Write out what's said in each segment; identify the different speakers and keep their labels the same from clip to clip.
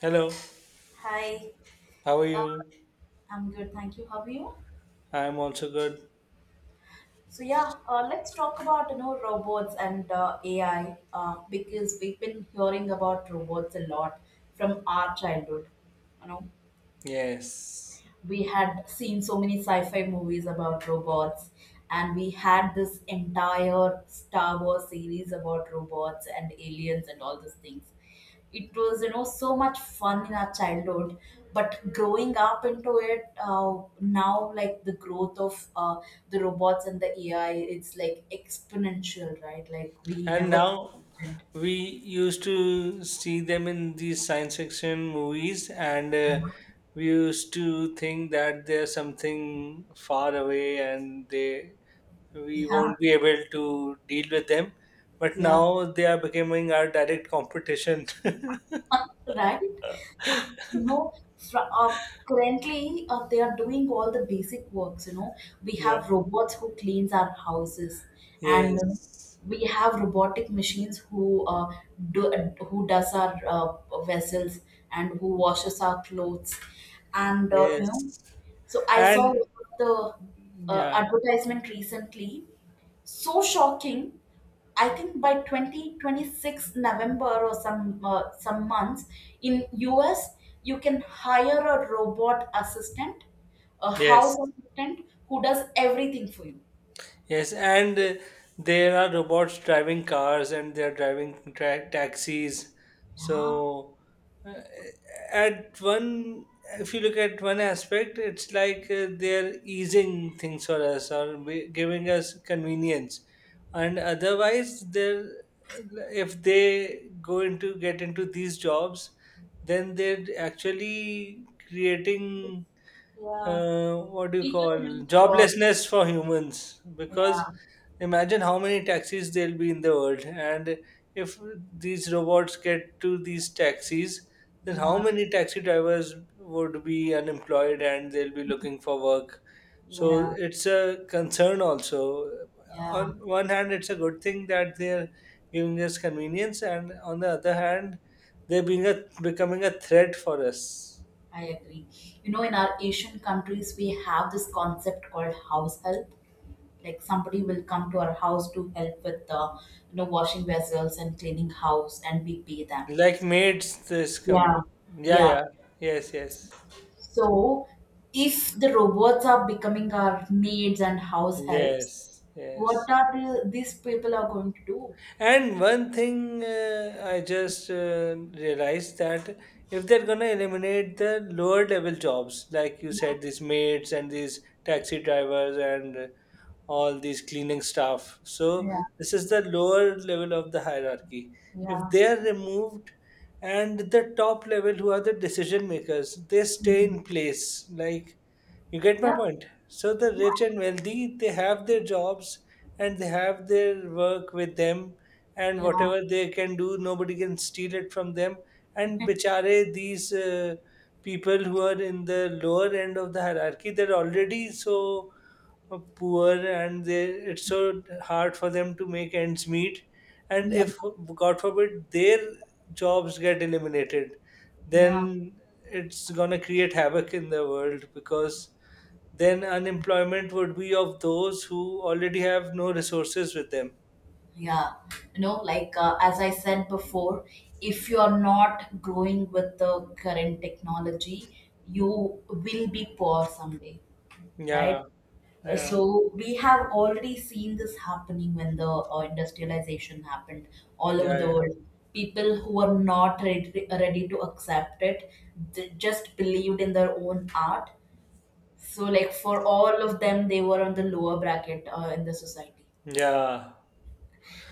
Speaker 1: Hello,
Speaker 2: Hi,
Speaker 1: how are
Speaker 2: uh,
Speaker 1: you?
Speaker 2: I'm good, thank you. How are you?
Speaker 1: I'm also good.
Speaker 2: So yeah, let's talk about robots and AI, because we've been hearing about robots a lot from our childhood. You know,
Speaker 1: Yes.
Speaker 2: we had seen so many sci-fi movies about robots, and we had this entire Star Wars series about robots and aliens and all those things. It was so much fun in our childhood. But growing up into it, now, like, the growth of the robots and the AI, it's like exponential, right? Like, we
Speaker 1: And
Speaker 2: never
Speaker 1: now
Speaker 2: imagined.
Speaker 1: we used to see them in these science fiction movies, and we used to think that they're something far away and they we
Speaker 2: Yeah,
Speaker 1: won't be able to deal with them. But
Speaker 2: yeah.
Speaker 1: now they are becoming our direct competition.
Speaker 2: Right? Uh, You know, currently, they are doing all the basic works. You know, we
Speaker 1: Yeah.
Speaker 2: have robots who cleans our houses, and
Speaker 1: Yes.
Speaker 2: we have robotic machines who do who does our vessels and who washes our clothes, and you know.
Speaker 1: Yes.
Speaker 2: So I saw one
Speaker 1: And
Speaker 2: of the
Speaker 1: yeah.
Speaker 2: advertisement recently. So shocking. I think by 2026 November, or some months, in US you can hire a robot assistant, a house
Speaker 1: Yes.
Speaker 2: assistant who does everything for you.
Speaker 1: Yes, and there are robots driving cars and they're driving taxis.
Speaker 2: Yeah,
Speaker 1: So, at one, if you look at one aspect, it's like they're easing things for us or giving us convenience. And otherwise, they're if they go into get into these jobs, then they're actually creating
Speaker 2: yeah.
Speaker 1: what do you
Speaker 2: People
Speaker 1: call
Speaker 2: will lose jobs.
Speaker 1: joblessness for humans because
Speaker 2: Yeah,
Speaker 1: imagine how many taxis there'll be in the world and if these robots get to these taxis then how
Speaker 2: yeah,
Speaker 1: many taxi drivers would be unemployed and they'll be looking for work, so
Speaker 2: yeah,
Speaker 1: it's a concern also.
Speaker 2: yeah.
Speaker 1: On one hand it's a good thing that they're giving us convenience and on the other hand they're being a becoming a threat for us.
Speaker 2: I agree. You know, in our Asian countries, we have this concept called house help. Like, somebody will come to our house to help with the washing vessels and cleaning house, and we pay them.
Speaker 1: Like maids, this come.
Speaker 2: Yeah,
Speaker 1: Yeah,
Speaker 2: yeah.
Speaker 1: yeah. Yes, yes.
Speaker 2: So if the robots are becoming our maids and house helps,
Speaker 1: Yes,
Speaker 2: what
Speaker 1: yes.
Speaker 2: are these people are going to do?
Speaker 1: And one thing I just realized that if they're gonna eliminate the lower level jobs, like you
Speaker 2: Yeah,
Speaker 1: said, these maids and these taxi drivers and all these cleaning staff, so
Speaker 2: yeah,
Speaker 1: this is the lower level of the hierarchy. If
Speaker 2: yeah.
Speaker 1: they are removed, and the top level, who are the decision makers, they stay
Speaker 2: Mhm.
Speaker 1: in place. Like, you get my
Speaker 2: Yeah,
Speaker 1: point? So the rich and wealthy, they have their jobs and they have their work with them, and
Speaker 2: yeah,
Speaker 1: whatever they can do, nobody can steal it from them. And bichare, these people who are in the lower end of the hierarchy, they're already so poor and they, it's so hard for them to make ends meet. And
Speaker 2: yeah.
Speaker 1: if, God forbid, their jobs get eliminated,
Speaker 2: Yeah.
Speaker 1: then it's gonna create havoc in the world because then unemployment would be of those who already have no resources with them.
Speaker 2: Yeah. As I said before, if you are not growing with the current technology, you will be poor someday.
Speaker 1: Yeah,
Speaker 2: Right?
Speaker 1: yeah,
Speaker 2: So we have already seen this happening when the industrialization happened all over
Speaker 1: yeah,
Speaker 2: the
Speaker 1: yeah.
Speaker 2: world. People who were not ready to accept it, they just believed in their own art. So, like, for all of them, they were on the lower bracket in the society.
Speaker 1: Yeah.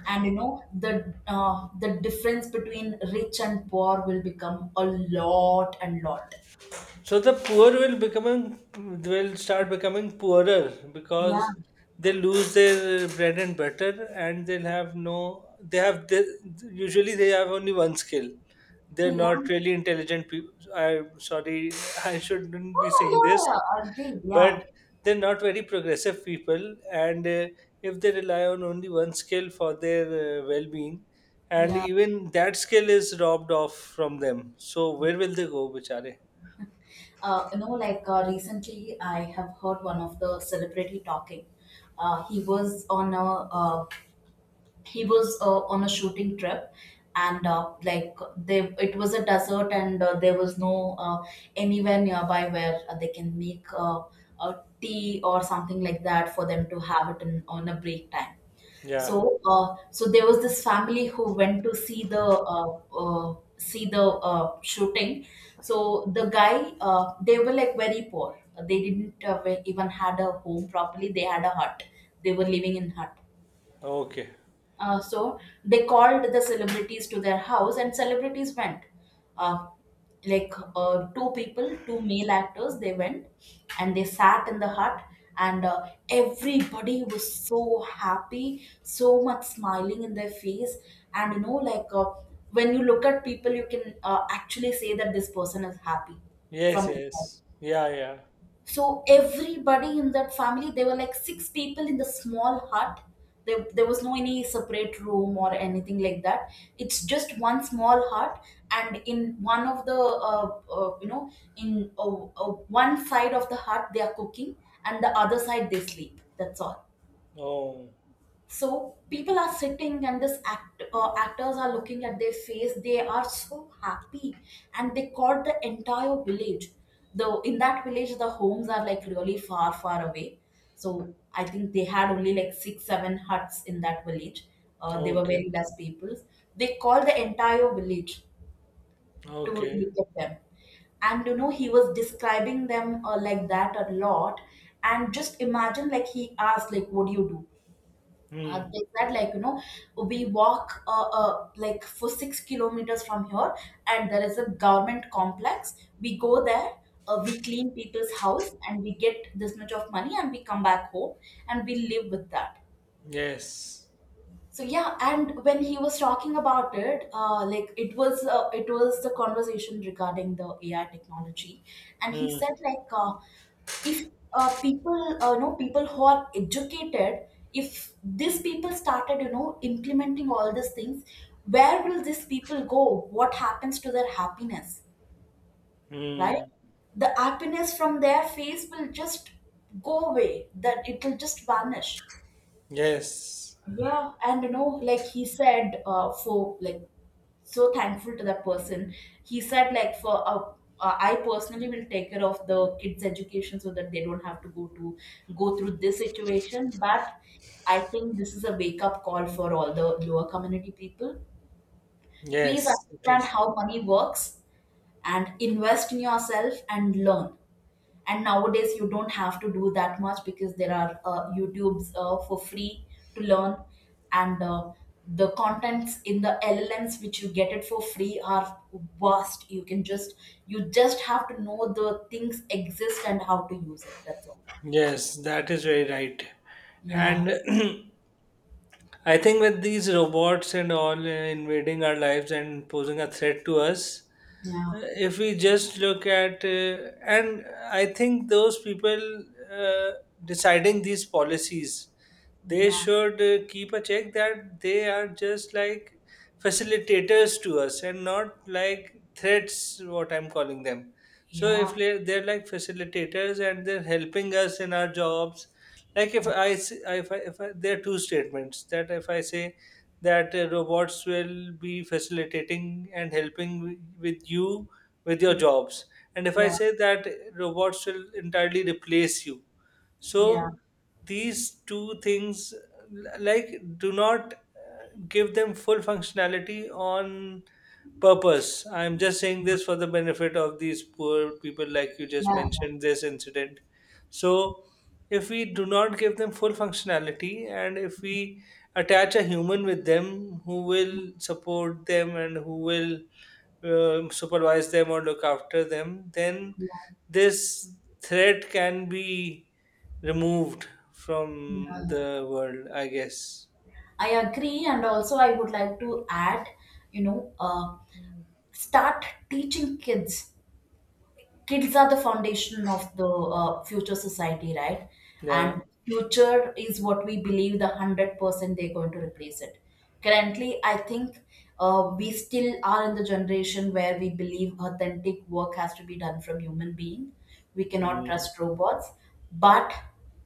Speaker 2: And the difference between rich and poor will become a lot and lot.
Speaker 1: So the poor will becoming will start becoming poorer because
Speaker 2: Yeah,
Speaker 1: they lose their bread and butter, and they'll have no. They have the, usually they have only one skill. They're
Speaker 2: yeah.
Speaker 1: not really intelligent people. I'm sorry, I shouldn't
Speaker 2: No,
Speaker 1: be
Speaker 2: no.
Speaker 1: saying
Speaker 2: Yeah,
Speaker 1: this.
Speaker 2: yeah, agreed.
Speaker 1: But
Speaker 2: Yeah,
Speaker 1: they're not very progressive people and if they rely on only one skill for their well-being and
Speaker 2: yeah.
Speaker 1: even that skill is robbed off from them, so where will they go bichare?
Speaker 2: Recently I have heard one of the celebrity talking. uh, he was on a uh, he was on a shooting trip. And like, they it was a desert, and there was no anywhere nearby where they can make a tea or something like that for them to have it, on a break time.
Speaker 1: Yeah.
Speaker 2: So there was this family who went to see the shooting. So the guy, they were like very poor. They didn't even had a home properly. They had a hut. They were living in hut.
Speaker 1: Okay.
Speaker 2: So they called the celebrities to their house, and celebrities went. Uh, like, two people, two male actors, they went and they sat in the hut, and everybody was so happy, so much smiling in their face. And when you look at people, you can actually say that this person is happy
Speaker 1: Yes,
Speaker 2: from
Speaker 1: yes,
Speaker 2: inside.
Speaker 1: yeah, yeah.
Speaker 2: So everybody in that family, there were like six people in the small hut. There was no any separate room or anything like that. It's just one small hut, and in one of the you know in one side of the hut they are cooking, and the other side they sleep. That's all.
Speaker 1: Oh.
Speaker 2: So people are sitting, and this actors are looking at their face. They are so happy, and they caught the entire village. Though in that village, the homes are like really far, far away. So I think they had only like six, seven huts in that village. They were
Speaker 1: Okay.
Speaker 2: very less people. They called the entire village to
Speaker 1: Okay.
Speaker 2: look at them. And he was describing them like that a lot. And just imagine, like, he asked, like, what do you do?
Speaker 1: Hmm.
Speaker 2: They said, like, we walk like for 6 kilometers from here, and there is a government complex. We go there, we clean people's house and we get this much of money and we come back home, and we live with that.
Speaker 1: Yes.
Speaker 2: So yeah, and when he was talking about it, like, it was the conversation regarding the AI technology. And he
Speaker 1: Hmm.
Speaker 2: said, like, if people know people who are educated, if these people started implementing all these things, where will these people go? What happens to their happiness? Right?
Speaker 1: Hmm.
Speaker 2: The happiness from their face will just go away. That it will just vanish.
Speaker 1: Yes.
Speaker 2: Yeah, and like, he said, for like so thankful to that person. He said, like, for I personally will take care of the kids' education so that they don't have to go through this situation. But I think this is a wake up call for all the lower community people. Please
Speaker 1: Yes it
Speaker 2: understand
Speaker 1: is.
Speaker 2: how money works and invest in yourself and learn. And nowadays, you don't have to do that much because there are YouTubes for free to learn. And the contents in the LLMs which you get it for free are vast. You can just you just have to know the things exist and how to use it. That's all.
Speaker 1: Yes, that is very right.
Speaker 2: Yeah,
Speaker 1: And I think with these robots and all invading our lives and posing a threat to us,
Speaker 2: yeah,
Speaker 1: if we just look at, and I think those people uh, deciding these policies, they
Speaker 2: yeah.
Speaker 1: should keep a check that they are just like facilitators to us and not like threats, what I'm calling them. So if
Speaker 2: Yeah,
Speaker 1: they they're like facilitators and they're helping us in our jobs, like
Speaker 2: yeah,
Speaker 1: if I, there are two statements. That if I say that robots will be facilitating and helping with you, with your jobs, and if I
Speaker 2: yeah.
Speaker 1: say that robots will entirely replace you.
Speaker 2: Yeah,
Speaker 1: So these two things, like, do not give them full functionality on purpose. I'm just saying this for the benefit of these poor people, like you just
Speaker 2: yeah,
Speaker 1: mentioned this incident. So if we do not give them full functionality and if we attach a human with them who will support them and who will supervise them or look after them, then
Speaker 2: yeah,
Speaker 1: this threat can be removed from
Speaker 2: yeah.
Speaker 1: the world, I guess.
Speaker 2: I agree, and also I would like to add, you know, uh, start teaching kids. Kids are the foundation of the future society, right?
Speaker 1: Yeah.
Speaker 2: And future is what we believe the 100% they're going to replace it. Currently, I think we still are in the generation where we believe authentic work has to be done from human being. We cannot
Speaker 1: Mm.
Speaker 2: trust robots, but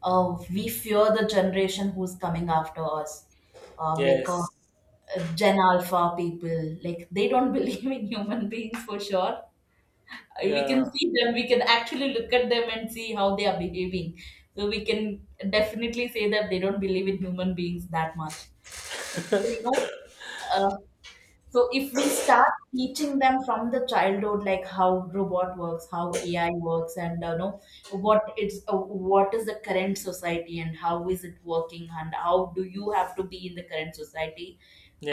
Speaker 2: we fear the generation who's coming after us, like,
Speaker 1: Yes.
Speaker 2: Gen Alpha people. Like, they don't believe in human beings for sure. We can
Speaker 1: Yeah.
Speaker 2: see them. We can actually look at them and see how they are behaving. So we can definitely say that they don't believe in human beings that much. So you know uh, so if we start teaching them from the childhood, like how robot works, how AI works, and know what is the current society and how is it working and how do you have to be in the current society.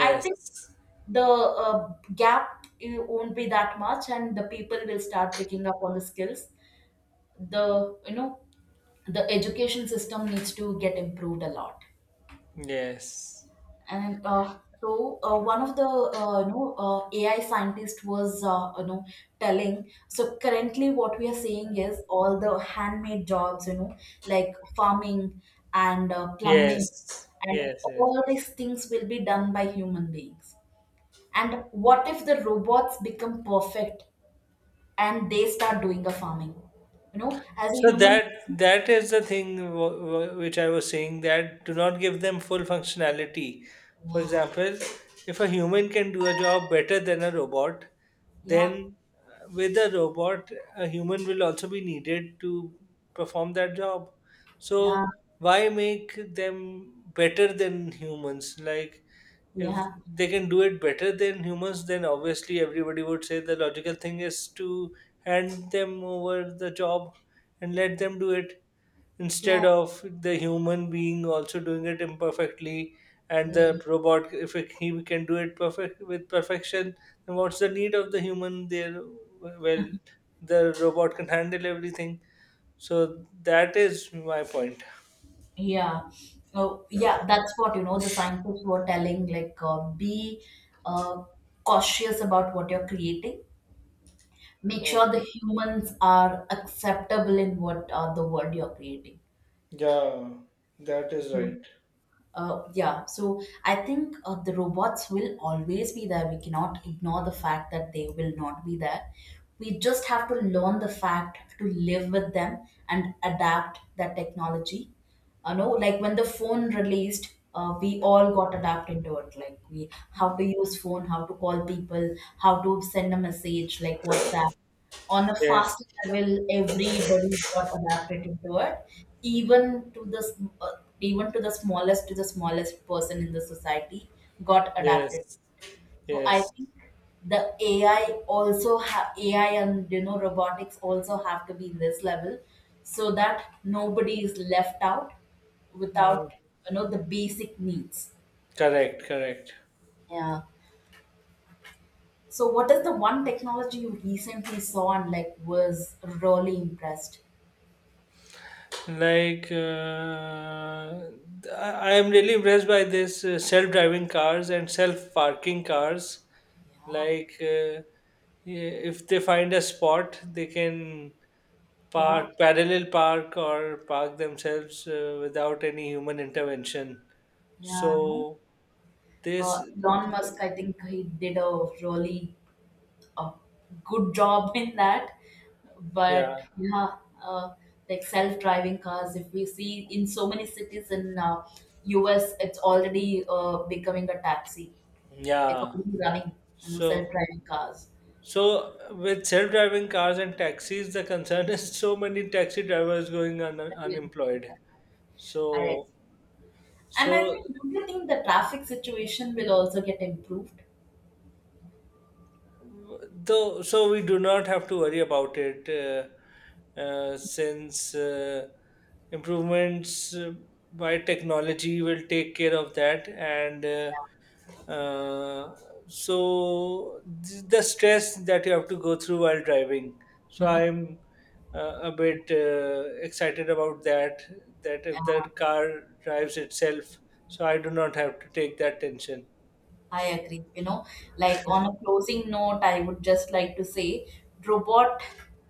Speaker 2: I think the gap, won't be that much, and the people will start picking up on the skills. The you know the education system needs to get improved a lot.
Speaker 1: Yes.
Speaker 2: And one of the AI scientist was telling, so currently what we are seeing is all the handmade jobs, like farming and plumbing,
Speaker 1: Yes.
Speaker 2: and
Speaker 1: Yes. Yes.
Speaker 2: all these things will be done by human beings. And what if the robots become perfect and they start doing the farming, as a
Speaker 1: So
Speaker 2: human?
Speaker 1: that that is the thing which I was saying, that do not give them full functionality. For
Speaker 2: Yeah,
Speaker 1: example, if a human can do a job better than a robot,
Speaker 2: yeah.
Speaker 1: then with a robot, a human will also be needed to perform that job.
Speaker 2: Yeah,
Speaker 1: So why make them better than humans? Like if
Speaker 2: yeah,
Speaker 1: they can do it better than humans, then obviously everybody would say the logical thing is to hand them over the job and let them do it
Speaker 2: yeah,
Speaker 1: instead of the human being also doing it imperfectly, and
Speaker 2: yeah.
Speaker 1: the robot if it, he can do it perfect with perfection, then what's the need of the human there? Well, the robot can handle everything. So that is my point.
Speaker 2: Yeah. Oh, yeah, that's what you know. The scientists were telling, like, be uh, cautious about what you're creating. Make sure the
Speaker 1: Okay.
Speaker 2: humans are acceptable in what the world you're creating.
Speaker 1: Yeah, that is right.
Speaker 2: Yeah, so I think the robots will always be there. We cannot ignore the fact that they will not be there. We just have to learn the fact to live with them and adapt that technology. You know, like when the phone released, we all got adapted to it. Like, we, how to use phone, how to call people, how to send a message, like WhatsApp. On a
Speaker 1: Yes,
Speaker 2: fast level, everybody got adapted to it. Even to the smallest person in the society got adapted.
Speaker 1: yes.
Speaker 2: So I
Speaker 1: Yes,
Speaker 2: think the ai AI and robotics also have to be in this level so that nobody is left out
Speaker 1: mm,
Speaker 2: without the basic needs.
Speaker 1: correct, correct.
Speaker 2: Yeah. So what is the one technology you recently saw and, like, was really impressed?
Speaker 1: Like, I am really impressed by this self-driving cars and self-parking cars.
Speaker 2: Yeah.
Speaker 1: Like, yeah, if they find a spot, they can
Speaker 2: Yeah,
Speaker 1: park, parallel park, or park themselves without any human intervention.
Speaker 2: yeah, no.
Speaker 1: So this,
Speaker 2: Elon Musk, I think he did a good job in that.
Speaker 1: yeah,
Speaker 2: But yeah, uh, like, self-driving cars, if we see in so many cities in US, it's already becoming a taxi. It's
Speaker 1: yeah.
Speaker 2: already running, you know,
Speaker 1: So.
Speaker 2: self-driving cars.
Speaker 1: So with self-driving cars and taxis, the concern is so many taxi drivers going
Speaker 2: That will- yeah.
Speaker 1: unemployed.
Speaker 2: I
Speaker 1: So
Speaker 2: and I
Speaker 1: so
Speaker 2: think, do you think the traffic situation will also get improved?
Speaker 1: though so we do not have to worry about it, since improvements by technology will take care of that and. Uh, so the stress that you have to go through while driving. So I'm a bit excited about that. That if the car drives itself, so I do not have to take that tension.
Speaker 2: I agree. You know, like, on a closing note, I would just like to say robot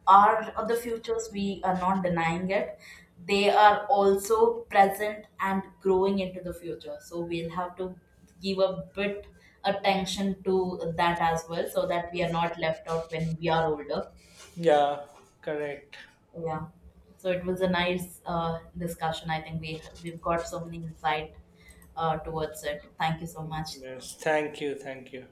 Speaker 2: are the futures. We are not denying it. They are also present and growing into the future. So we'll have to give a bit attention to that as well, so that we are not left out when we are older.
Speaker 1: Yeah, correct.
Speaker 2: Yeah. So it was a nice discussion. I think we've got so many insight towards it. Thank you so
Speaker 1: Mm,
Speaker 2: much.
Speaker 1: yes, thank you, thank you.